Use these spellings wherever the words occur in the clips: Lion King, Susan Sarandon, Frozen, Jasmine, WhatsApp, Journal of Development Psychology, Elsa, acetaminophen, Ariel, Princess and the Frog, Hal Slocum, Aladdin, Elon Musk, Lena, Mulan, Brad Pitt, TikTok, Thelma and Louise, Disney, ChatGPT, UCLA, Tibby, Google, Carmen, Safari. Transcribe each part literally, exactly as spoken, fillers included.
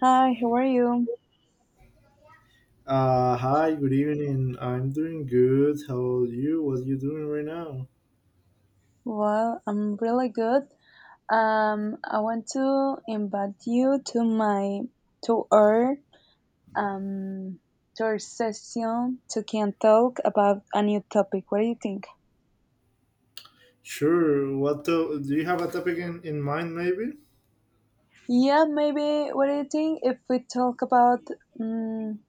Hi, how are you? Uh, hi, good evening. I'm doing good. How are you? What are you doing right now? Well, I'm really good. Um, I want to invite you to my to our um to our session to can talk about a new topic. What do you think? Sure. What to- do you have a topic in, in mind, maybe? Yeah, maybe. What do you think if we talk about? Um,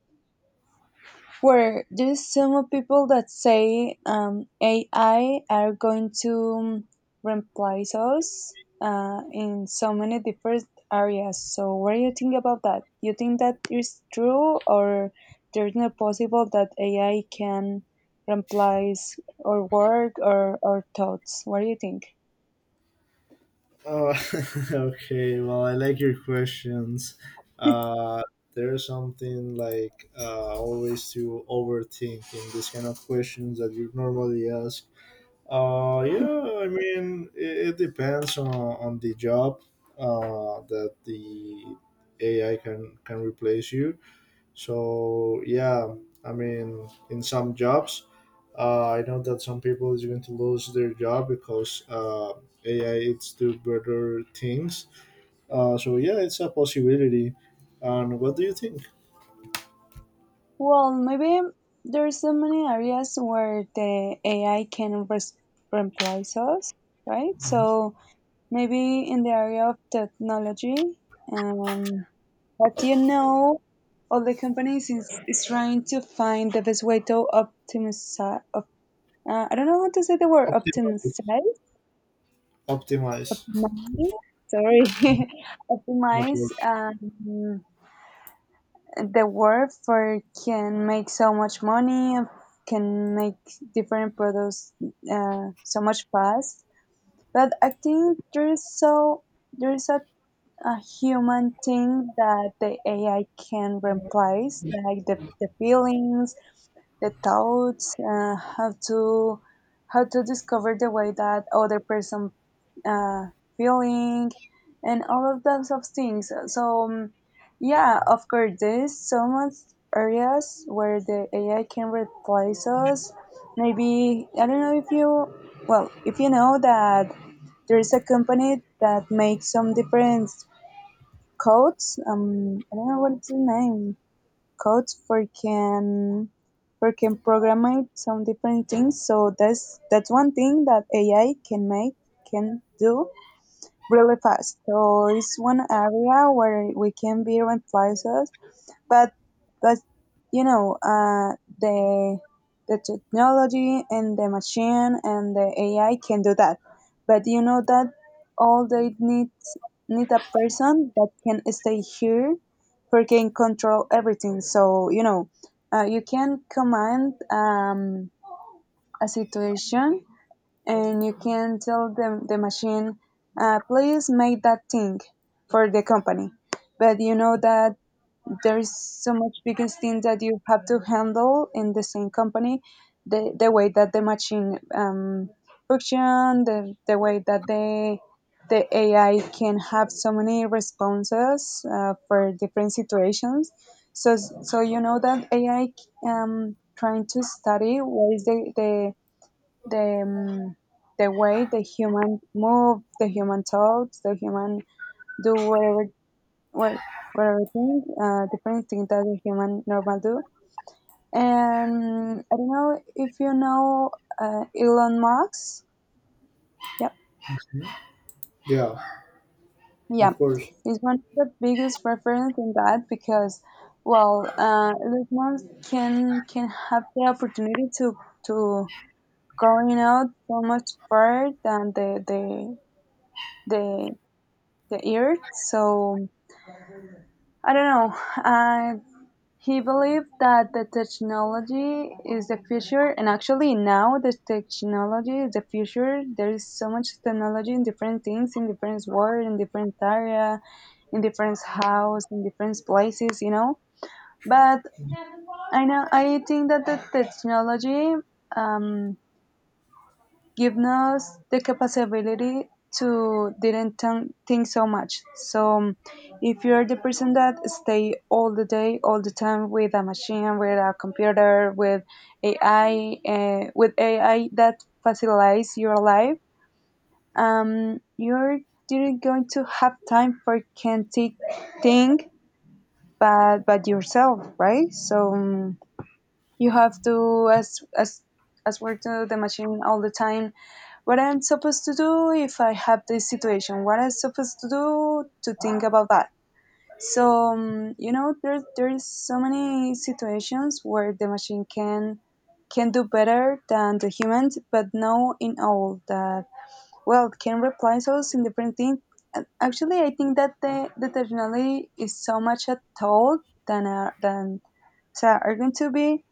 where there's some people that say um, A I are going to replace us uh, in so many different areas. So, what do you think about that? You think that is true, or there's no possible that A I can replace our work or our thoughts? What do you think? Oh, okay. Well, I like your questions. Uh, there's something like uh, always to overthink in this kind of questions that you normally ask. Uh, yeah, I mean, it, it depends on, on the job uh, that the A I can, can replace you. So yeah, I mean, in some jobs, uh, I know that some people is going to lose their job because uh, A I it's do better things. Uh, so yeah, it's a possibility. And what do you think? Well, maybe there's so many areas where the A I can res- replace us, right? Mhm. So maybe in the area of technology. Um, what you know? All the companies is, is trying to find the best way to optimize. Op, uh, I don't know how to say the word Optimize, optimize. optimize. Optimize. Sorry, Not optimize work. um, the work for can make so much money, can make different products, uh, so much fast. But I think there is so there is a a human thing that the A I can replace, like the, the feelings, the thoughts, uh, how to how to discover the way that other person, uh, feeling, and all of those of things. So um, yeah, of course, there's so much areas where the A I can replace us. Maybe I don't know if you, well, if you know that there is a company that makes some different codes. Um, I don't know what's the name. Codes for can for can program some different things. So that's that's one thing that A I can make, can do really fast. So it's one area where we can be replaced, but but you know, uh, the the technology and the machine and the A I can do that. But you know that all they need, need a person that can stay here, for can control everything. So you know, uh, you can command um, a situation, and you can tell the the machine, uh, please make that thing for the company. But you know that there is so much biggest thing that you have to handle in the same company, the, the way that the machine um, function, the, the way that the the A I can have so many responses uh, for different situations. So so you know that A I, um, trying to study what is the the the, um, the way the human move, the human talks, the human do whatever, what what I think, uh, different thing that a human normal do. And I don't know if you know uh, Elon Musk. Yep. Yeah, Yeah. of course. He's one of the biggest reference in that because, well, uh, Elon Musk can can have the opportunity to to going out so much further than the the the the earth. So I don't know. Uh, He believed that the technology is the future, and actually now the technology is the future. There is so much technology in different things, in different world, in different area, in different house, in different places, you know. But I know I think that the technology um, given us the capability to didn't think think so much. So um, if you're the person that stay all the day, all the time with a machine, with a computer, with A I, uh, with A I that facilitates your life, um, you're didn't going to have time for can think think but but yourself, right? So um, you have to as as as work to the machine all the time, what I'm supposed to do if I have this situation, what I'm supposed to do to think about that. So um, you know, there there is so many situations where the machine can can do better than the humans, but no in all that. Well, can replace us in different things. A- Actually, I think that the, the technology is so much a tool than a, than so are going to be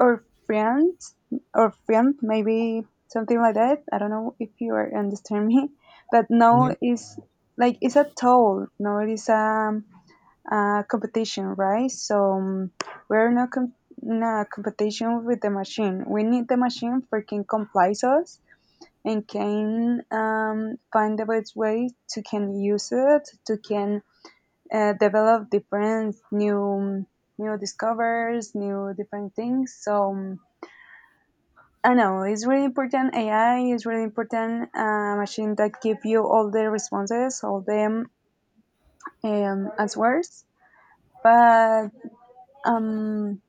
or friends or friend maybe, something like that. I don't know if you are understand me but now Mhm. is like it's a toll, no, it is um, a competition, right? So um, we're not com- in a competition with the machine. We need the machine for can comply us and can um, find the best way to can use it to can uh, develop different new new discovers, new different things. So um, I know it's really important. A I is really important. A machine that give you all the responses, all the um, answers. But um,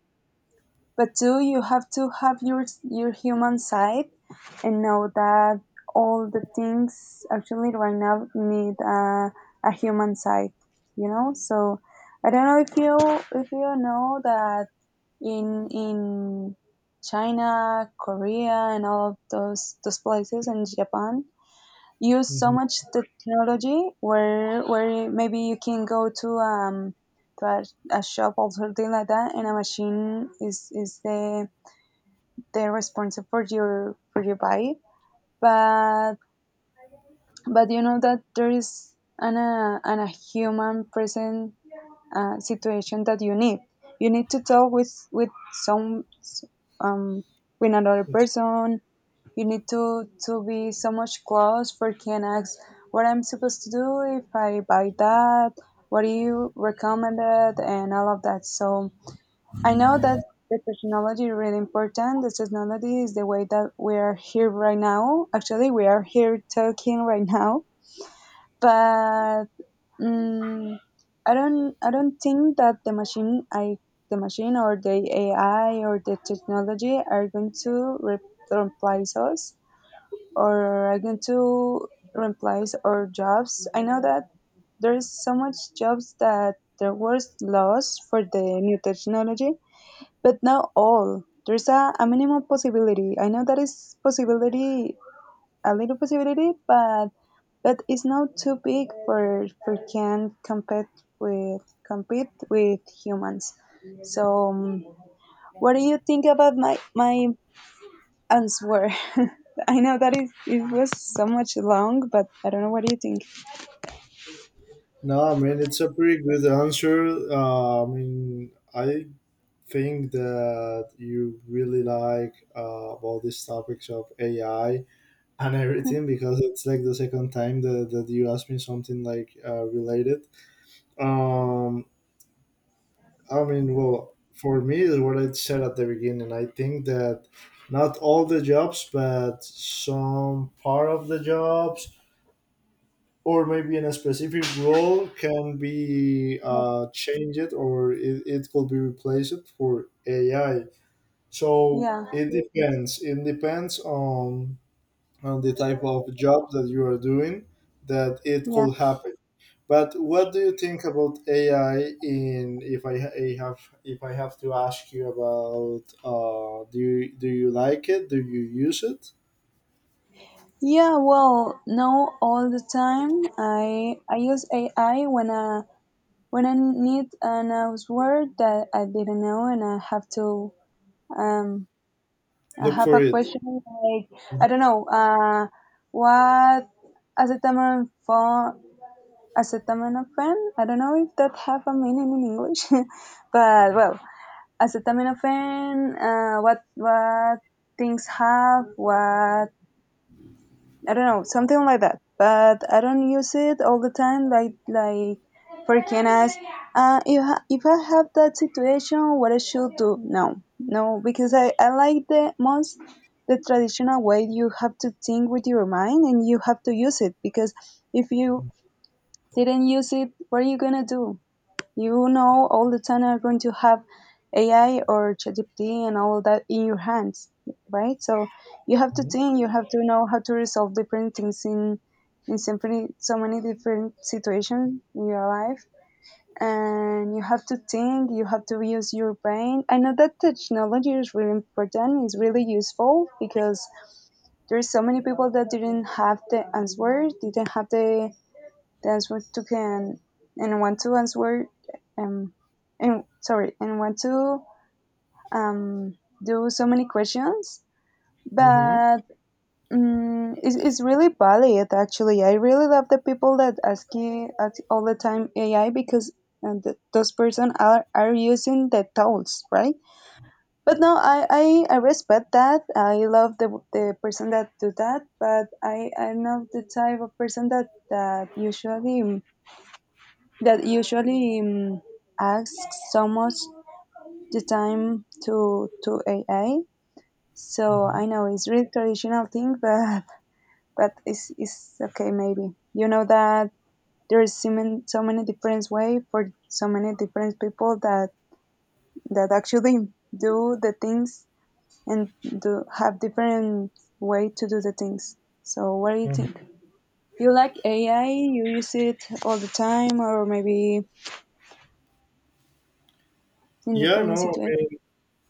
but too, you have to have your your human side and know that all the things actually right now need a, a human side. You know, so I don't know if you if you know that in in China, Korea, and all of those those places, and Japan, use so Mhm. much technology where where maybe you can go to um to a, a shop or something like that, and a machine is is the the responsible for your for your body, but but you know that there is an, uh, an a human present, uh, situation that you need, you need to talk with with some um with another person. You need to to be so much close for can ask, what I'm supposed to do if I buy that, what do you recommend it, and all of that. So I know that the technology is really important. The technology is the way that we are here right now. Actually, we are here talking right now, but mm I don't I don't think that the machine I the machine or the A I or the technology are going to re- replace us or I'm going to replace our jobs. I know that there is so much jobs that there was lost for the new technology, but not all. There's a, a minimum possibility. I know that is possibility, a little possibility, but but it's not too big for for can compete with compete with humans. So, um, what do you think about my my answer. I know that is it was so much long, but I don't know what do you think. No, I mean it's a pretty good answer. Uh, I mean, I think that you really like uh, about these topics of A I and everything because it's like the second time that, that you asked me something like uh, related. Um, I mean, well, for me is what I said at the beginning. I think that not all the jobs, but some part of the jobs or maybe in a specific role can be Yeah, uh, changed or it, it could be replaced for A I. So yeah, it depends. It depends on on the type of job that you are doing that it yeah. could happen. But what do you think about A I? In if I, ha- I have if I have to ask you about uh, do you, do you like it? Do you use it? Yeah, well, no, all the time. I I use A I when I when I need an, uh, word that I didn't know, and I have to um I Look have for a it. question like I don't know, uh what hace tamaño acetaminophen. I don't know if that have a meaning in English, but well, acetaminophen. Uh, what what things have? What I don't know, something like that. But I don't use it all the time, like like for Kenas. Uh, if I, if I have that situation, what I should do? No, no, because I I like the most the traditional way. You have to think with your mind and you have to use it, because if you didn't use it, what are you gonna do? You know, all the time are going to have A I or ChatGPT and all that in your hands, right? So you have to Mhm. think, you have to know how to resolve different things in in so many, so many different situations in your life, and you have to think, you have to use your brain. I know that technology is really important, it's really useful, because there's so many people that didn't have the answers, didn't have the Danceworth took can and want to answer, um and sorry, and want to um do so many questions, Mhm. but um, it's, it's really valid. Actually, I really love the people that ask, you ask all the time AI, because uh, th- those person are, are using the tools, right? But no, I, I I respect that. I love the the person that do that, but I I'm not the type of person that that usually, that usually um, asks almost the time to to A I. So I know it's really traditional thing, but but it's it's okay maybe. You know that there is so many, so many different way for so many different people that that actually do the things and do have different way to do the things. So what do you Mhm. think? You like A I? You use it all the time, or maybe in Yeah, different no, I situations? mean,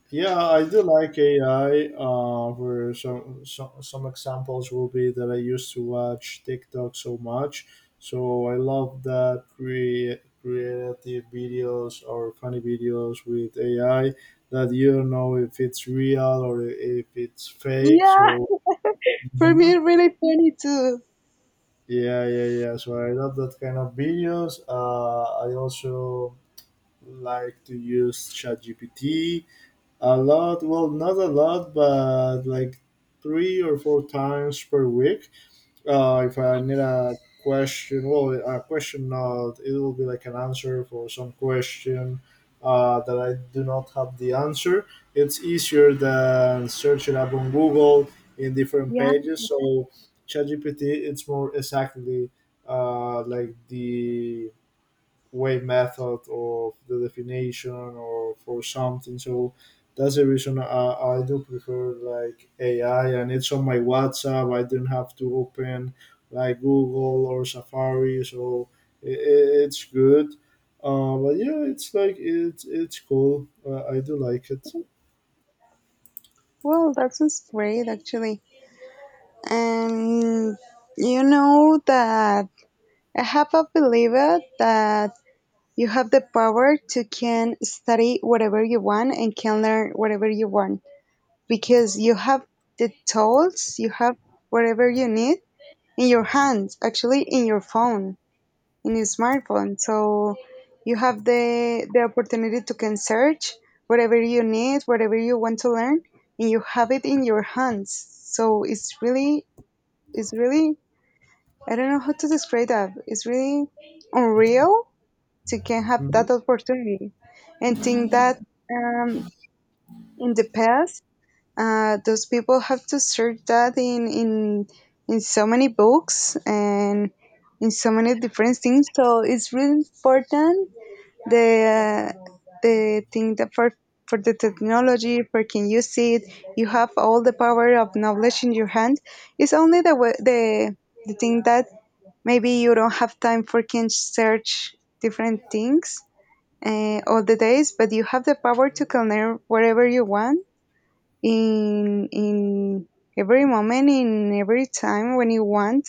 yeah, I do like A I. Uh, where some, some some examples will be that I used to watch TikTok so much, so I love that cre- creative videos or funny videos with A I that you don't know if it's real or if it's fake. So Yeah. For me, Mhm. really funny too. yeah, yeah, yeah. So I love that kind of videos. Uh, I also like to use ChatGPT a lot, well, not a lot, but like three or four times per week. Uh, if I need a question, well, a question not, it will be like an answer for some question uh, that I do not have the answer. It's easier than searching up on Google in different Yeah, pages. So ChatGPT, it's more exactly uh, like the way method of the definition or for something. So that's the reason I, I do prefer like A I and it's on my WhatsApp. I do not have to open like Google or Safari, so it it's good. Uh, but yeah, it's like it's it's cool. Uh, I do like it. well, that sounds great actually. And you know that I have a believer that you have the power to can study whatever you want and can learn whatever you want, because you have the tools, you have whatever you need in your hands, actually in your phone, in a smartphone. So you have the the opportunity to can search whatever you need, whatever you want to learn, and you have it in your hands. So it's really it's really I don't know how to describe that. It's really unreal to can have Mhm. that opportunity and think that um, in the past uh, those people have to search that in in in so many books and in so many different things. So it's really important the uh, the thing that for for the technology for can you see it you have all the power of knowledge in your hand. It's only the way the the thing that maybe you don't have time for can search different things uh, all the days, but you have the power to connect wherever you want in in every moment in every time when you want,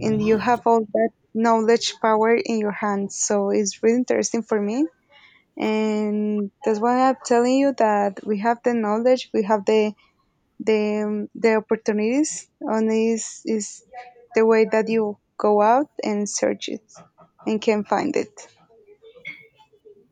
and you Mhm. have all that knowledge power in your hands. So it's really interesting for me, and that's why I'm telling you that we have the knowledge, we have the the um, the opportunities. On this is the way that you go out and search it and can find it.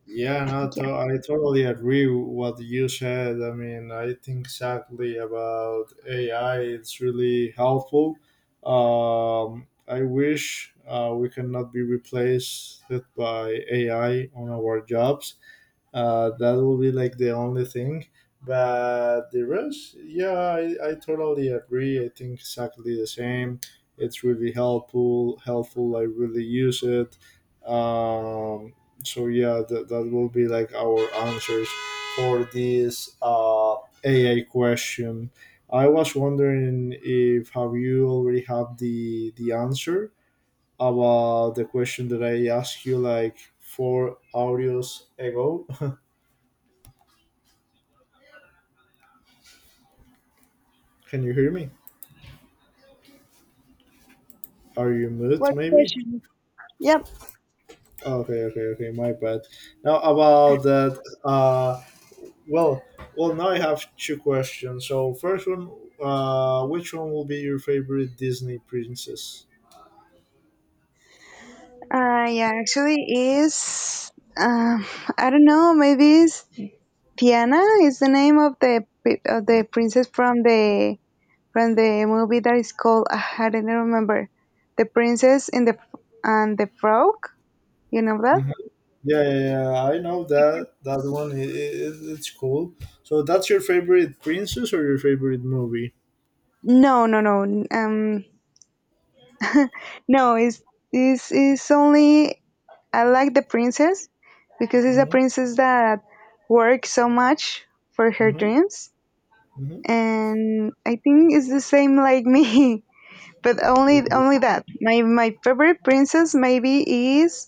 Yeah, no, Yeah. to- I totally agree with what you said. I mean, I think exactly about A I. It's really helpful. Um, I wish uh, we cannot be replaced by A I on our jobs. Uh, that will be like the only thing. But the rest, yeah, I, I totally agree. I think exactly the same. It's really helpful. Helpful. I really use it. Um, so yeah, that, that will be like our answers for this uh, A I question. I was wondering if have you already have the the answer about the question that I asked you like four audios ago. Can you hear me? Are you mute What maybe? question? Yep. Oh, okay, okay, okay, my bad. Now about that uh well, well now I have two questions. So first one, uh which one will be your favorite Disney princess? Uh, yeah. Actually, is um, I don't know. Maybe it's Tiana is the name of the pri- of the princess from the from the movie that is called ah, I don't remember, the princess and the and the frog You know that? Mhm. Yeah, yeah, yeah, I know that that one I it, it's cool. So that's your favorite princess or your favorite movie? No, no, no. Um, no. It's it's it's only I like the princess because it's a Mm-hmm. princess that works so much for her Mm-hmm. dreams, Mm-hmm. and I think it's the same like me. But only Okay. only that. My my favorite princess maybe is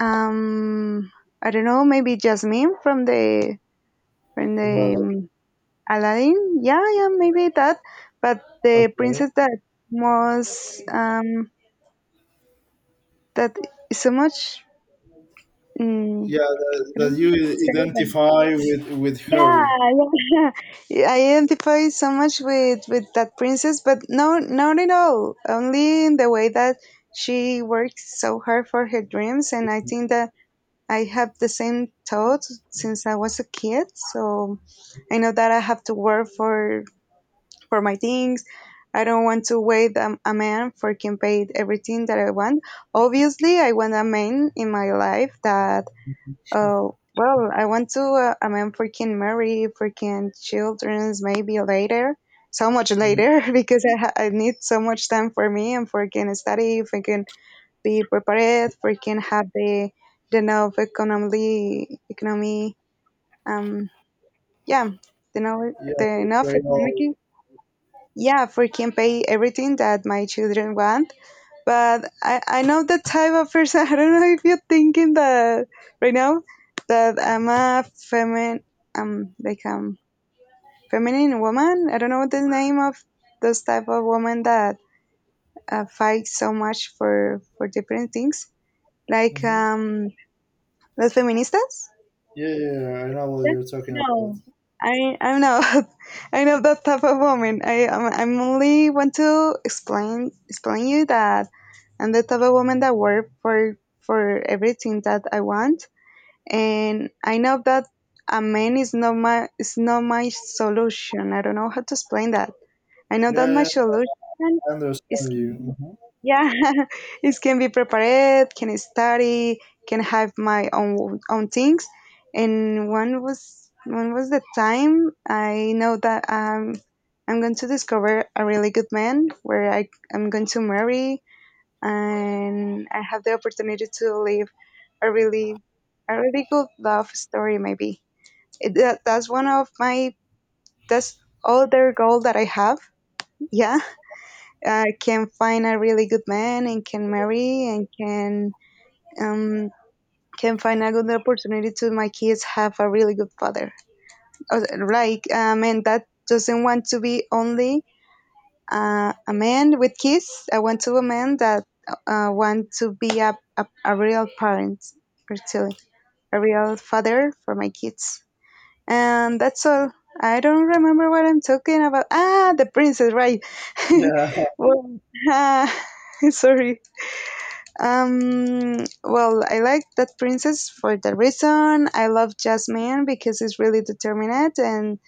um I don't know, maybe Jasmine from the from From the Aladdin. um, Aladdin, yeah, yeah, maybe that. But the Okay. princess that was um that is so much. Mm, Yeah, that, I that don't know what to you say, but identify with with yeah, her. yeah. I identify so much with with that princess, but no, not at all. Only in the way that she works so hard for her dreams, and I think that I have the same thought since I was a kid. So I know that I have to work for for my things. I don't want to wait um, a man for can pay everything that I want. Obviously, I want a man in my life that, uh, well, I want to uh, a man for can marry, for can childrens maybe later, so much later because I ha- I need so much time for me and for can study, for can be prepared, for can have the the enough economically economy um yeah the know Yeah, the the enough Braille. economic, yeah, for can pay everything that my children want. But I, I know the type of person. I don't know if you're thinking that right now that I'm a feminine, um, like um, feminine woman. I don't know the name of those type of woman that uh, fight so much for for different things, like Mm-hmm. um, las feministas. Yeah, yeah, yeah, I know what you're talking about. I I'm not I'm not that type of woman. I I'm, I'm only want to explain explain you that I'm the type of woman that work for for everything that I want, and I know that a man is not my is not my solution. I don't know how to explain that. I know that Yeah, my yeah, solution I is understand you. Hmm. yeah, it can be prepared, can study, can have my own own things. And one was one was the time I know that um, I'm going to discover a really good man where I I'm going to marry, and I have the opportunity to live a really a really good love story maybe. It, that, that's one of my that's other goal that I have. Yeah, uh, can find a really good man and can marry and can um, can find a good opportunity to my kids have a really good father. Uh, Like um, and that doesn't want to be only uh, a man with kids. I want to a man that uh, want to be a, a, a real parent or to a real father for my kids. And that's all. I don't remember what I'm talking about. Ah, the princess, right? Yeah. well, ah, sorry. Um, well, I like that princess for the reason I love Jasmine because it's really determined and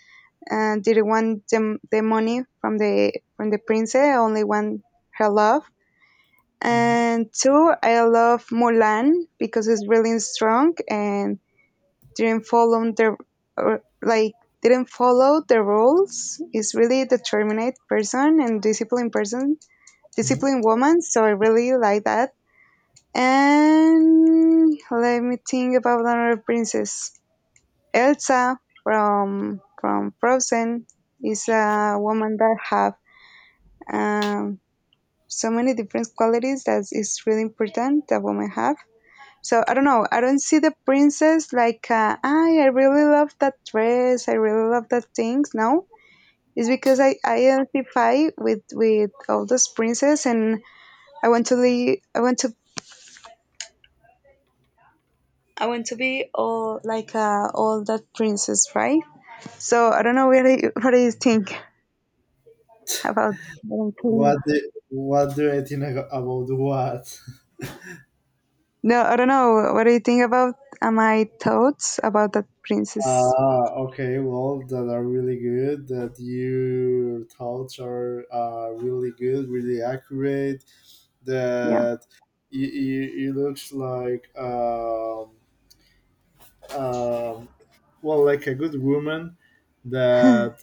and didn't want the, the money from the from the princess, only want her love. Hmm. And two, I love Mulan because it's really strong and didn't follow the or, like didn't follow the rules. Is really determined person and disciplined person, Hmm. disciplined woman. So I really like that, and let me think about another princess. Elsa from from Frozen is a woman that have um, so many different qualities that is really important that women have. So I don't know. I don't see the princess like uh, I I really love that dress. I really love that things. No, it's because I, I identify with with all those princess, and I want to live. I want to I want to be all like uh, all that princess, right? So I don't know what do you, what do you think about Melancholia? What do, what do I think ag- about what? No, I don't know. What do you think about uh, my thoughts about that princess? Ah, okay. Well, that are really good. That your thoughts are uh, really good, really accurate. Yeah, That it, it, it looks like um, um, well like a good woman that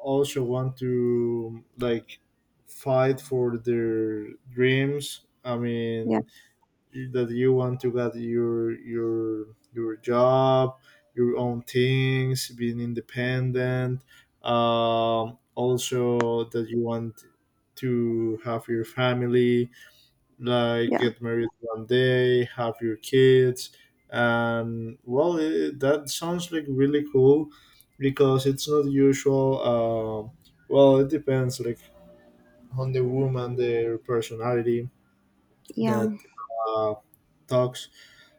also want to like fight for their dreams. I yeah, mean, that you want to get your your your job, your own things, being independent. Um, also that you want to have your family, like yeah, get married one day, have your kids, and well, it, that sounds like really cool because it's not usual. Uh, well, it depends like on the woman, their personality yeah, that uh, talks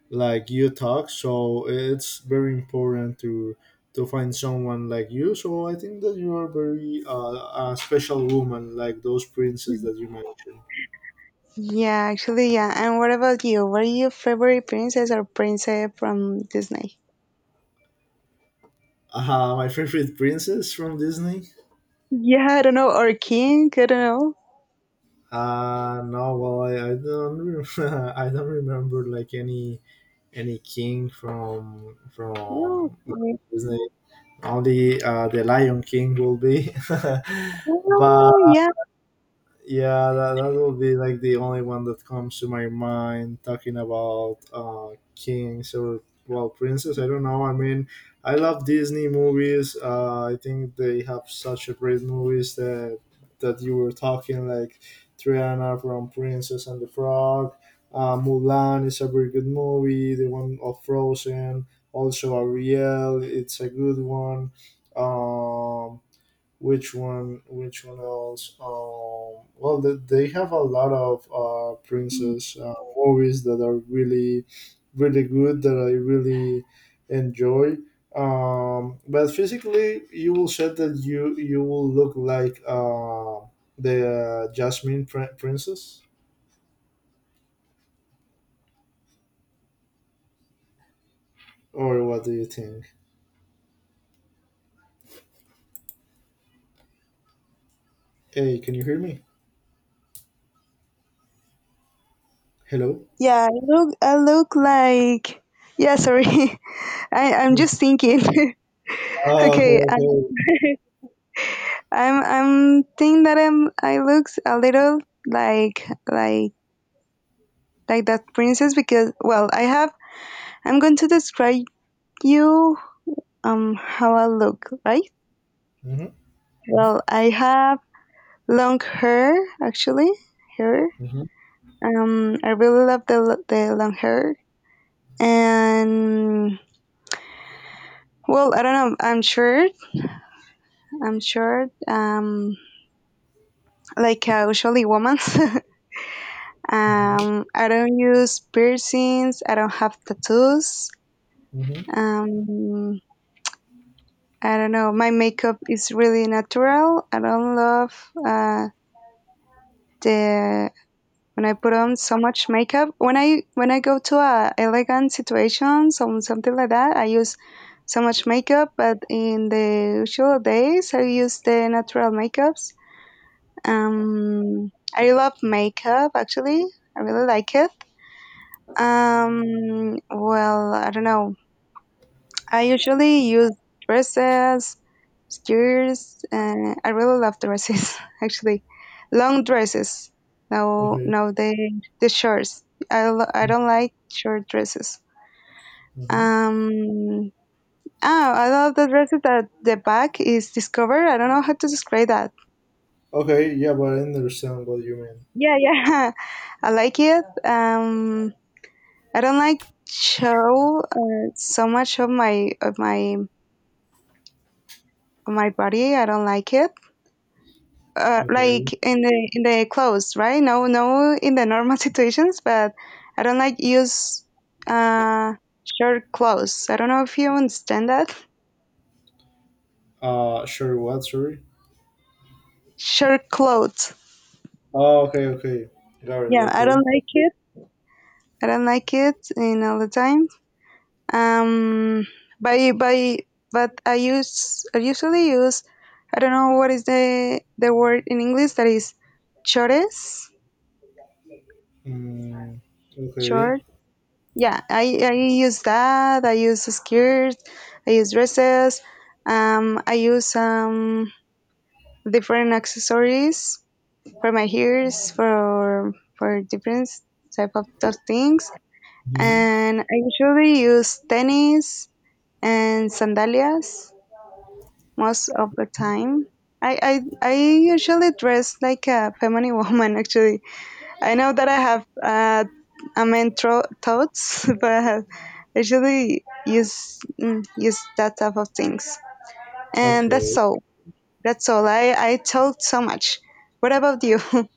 like you talk. So it's very important to to find someone like you. So I think that you are very uh, a special woman, like those princes that you mentioned. yeah. Actually, yeah. And what about you? What are your favorite princess or princess from Disney? Uh, my favorite princess from Disney. Yeah, I don't know, or king. I don't Uh no, well I, I don't rem- I don't remember like any any king from know. from Okay. Disney. Only uh, the Lion King will be, but Oh, yeah, yeah, that, that will be like the only one that comes to my mind talking about uh, kings or well princes. I don't know. I mean, I love Disney movies. Uh, I think they have such a great movies that that you were talking like Triana from Princess and the Frog. Uh, Mulan is a very good movie. The one of Frozen, also Ariel, it's a good one. Um, which one which one else, um well they, they have a lot of uh princess uh, movies that are really really good that I really enjoy. Um but physically you will said that you you will look like uh the uh, jasmine pr- princess, or what do you think? Hey, can you hear me? Hello? yeah. I look, I look like. Yeah, sorry. I I'm just thinking. Oh, okay, okay, I, okay. I'm I'm thinking that I'm I looks a little like like like that princess because well I have I'm going to describe you um how I look, right. Mm-hmm. Well, I have long hair actually hair. Mm-hmm. Um, I really love the the long hair, and well I don't know I'm short I'm short um like a usually woman. Mm-hmm. Um, I don't use piercings. I don't have tattoos. Um, I don't know. My makeup is really natural. I don't love uh, the when I put on so much makeup. When I when I go to a elegant situation, some something like that, I use so much makeup. But in the usual days, I use the natural makeups. Um, I love makeup actually. I really like it. Um, well, I don't know. I usually use dresses, skirts, and I really love dresses actually. Long dresses. No, no, the the shorts. I lo- I Mm-hmm. don't like short dresses. Okay. Um. Oh, I love the dresses that the back is discovered. I don't know how to describe that. Okay, yeah, but I understand what you mean. Yeah, yeah, I like it. Um, I don't like show uh, so much of my of my of my body. I don't like it. uh, Okay. like in the in the clothes, right? No, no, in the normal situations, but I don't like use uh short clothes. I don't know if you understand that. Uh, sure. What? Sorry. Short clothes. Oh, okay, okay. Got it. Yeah, I don't Okay. like it. I don't like it in all the time. Um, by by, but I use I usually use I don't know what is the the word in English that is chores, Mm, okay. short. Yeah, I, I use that. I use skirts. I use dresses. Um, I use um, different accessories for my hairs for for different type of those things. Hmm. And I usually use tennis and sandalias most of the time. I, I I usually dress like a feminine woman actually. I know that I have uh, a mentor thoughts, but I have usually use mm, use that type of things. And that's Okay. all. That's all. I I talked so much. What about you?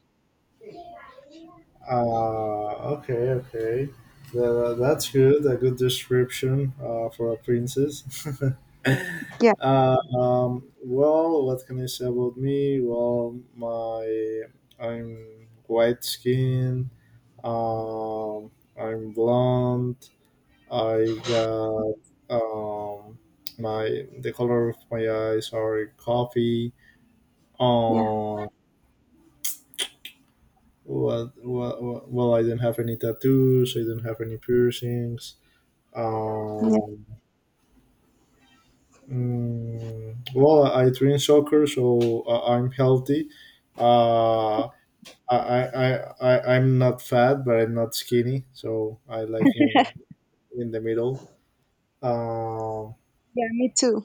Uh, okay, okay. Tha- that's good. A good description. Uh, for a princess. yeah, uh, um, well, what can I say about me? Well, my I'm white skinned. Um, I'm blonde. I got um my the color of my eyes are coffee. yeah, Um, well, well, well, I did not have any tattoos. I did not have any piercings. yeah, Um, mm, well, I drink soccer, so I- I'm healthy. Uh, I, I, I, I- I'm not fat, but I'm not skinny, so I like in in the middle. Um, yeah. Me too.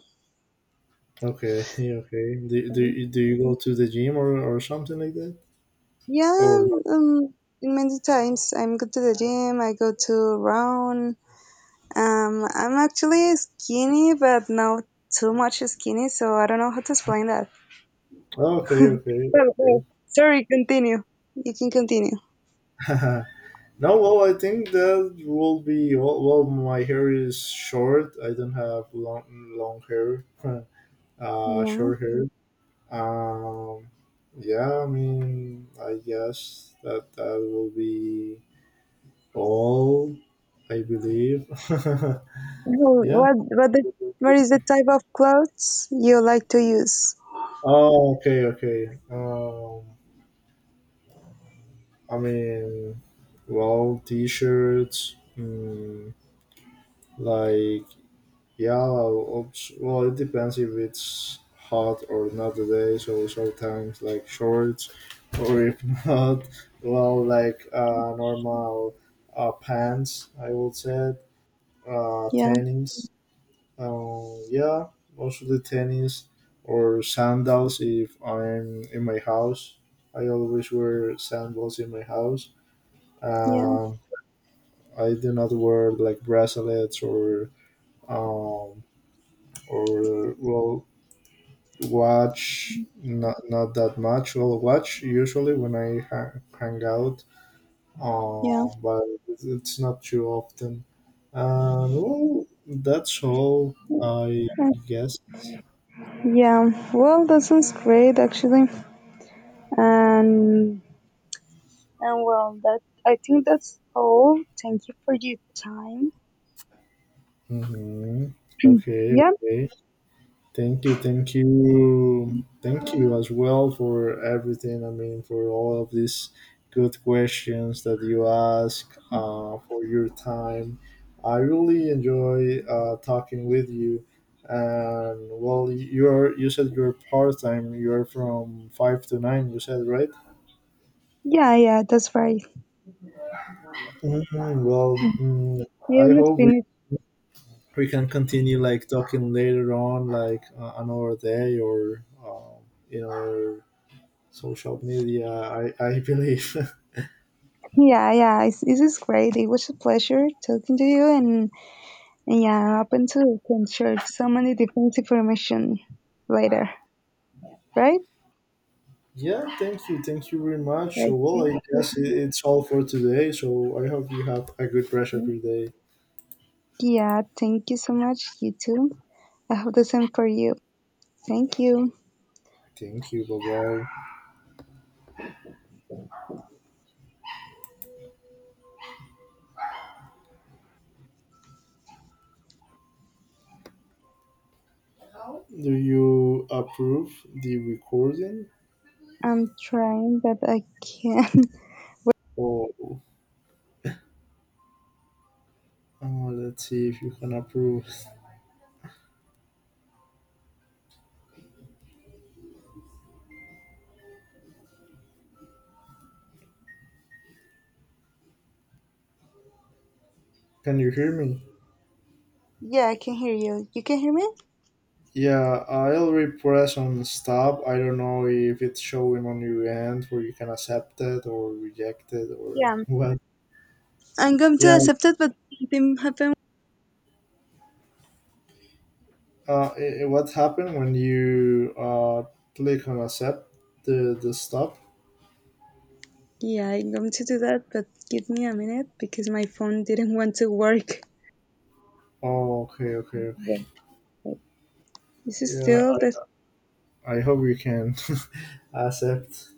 Okay, okay. Do, do, do you go to the gym or, or something like that? Yeah. Or not? Um. Many times I'm go to the gym. I go to run. Um. I'm actually skinny, but not too much skinny. So I don't know how to explain that. Okay, okay, Well, well, sorry. Continue. You can continue. okay. No, well, I think that will be. Well, well, my hair is short. I don't have long long hair. Uh, Yeah. short hair. Um, yeah, I mean, I guess that that will be all. I believe. Who- Yeah. What what the, what is the type of clothes you like to use? Oh, okay, okay. Um, I mean, well, t-shirts, mm, like yeah, ops- well, it depends if it's hot or not today. So sometimes like shorts, or if not, well, like uh, normal uh, pants. I would say uh, Yeah, tennis. Um, yeah, mostly tennis or sandals if I'm in my house. I always wear sandals in my house. yeah, Um, I do not wear like bracelets or um, or well watch. Not not that much. Well, watch usually when I ha- hang out, yeah, uh, but it's it's not too often. And well, that's all I Uh, guess. yeah. Well, that sounds great, actually. And and well, that I think that's all. Thank you for your time. Mm-hmm. Okay. Yeah, Okay. Thank you, thank you, thank you as well for everything. I mean, for all of these good questions that you ask, uh, for your time. I really enjoy uh, talking with you. And well, you're you said you're part time. You're from five to nine. You said right. yeah, yeah. That's right. Mhm. Well, mm, I I almost hope we, finished. we can continue like talking later on, like uh, another day or um, in our social media. i, I believe. Yeah, yeah. It's, this is great. It was a pleasure talking to you, and, and yeah, I'm open to can share so many different information later. Right? Yeah, thank you thank you very much. Right. So well, Thank I guess it, you. it's all for today, so I hope you have a good rest of your day. Yeah, thank you so much. You too. I hope the same for you. Thank you. Thank you, bye. Bye, do you approve the recording? I'm trying, but I can't. Or Uh, let's see if you can approve. Can you hear me? Yeah, I can hear you. You can hear me? Yeah, I already press on stop. I don't know if it's showing on your end where you can accept it or reject it or Yeah. what. I'm going to Yeah, accept it, but something happened. uh, i- i- what happened when you uh, click on accept the the stop? Yeah, I'm going to do that, but give me a minute because my phone didn't want to work. Oh, okay, okay, okay. Wait. This is Yeah, still the I, I hope you can accept.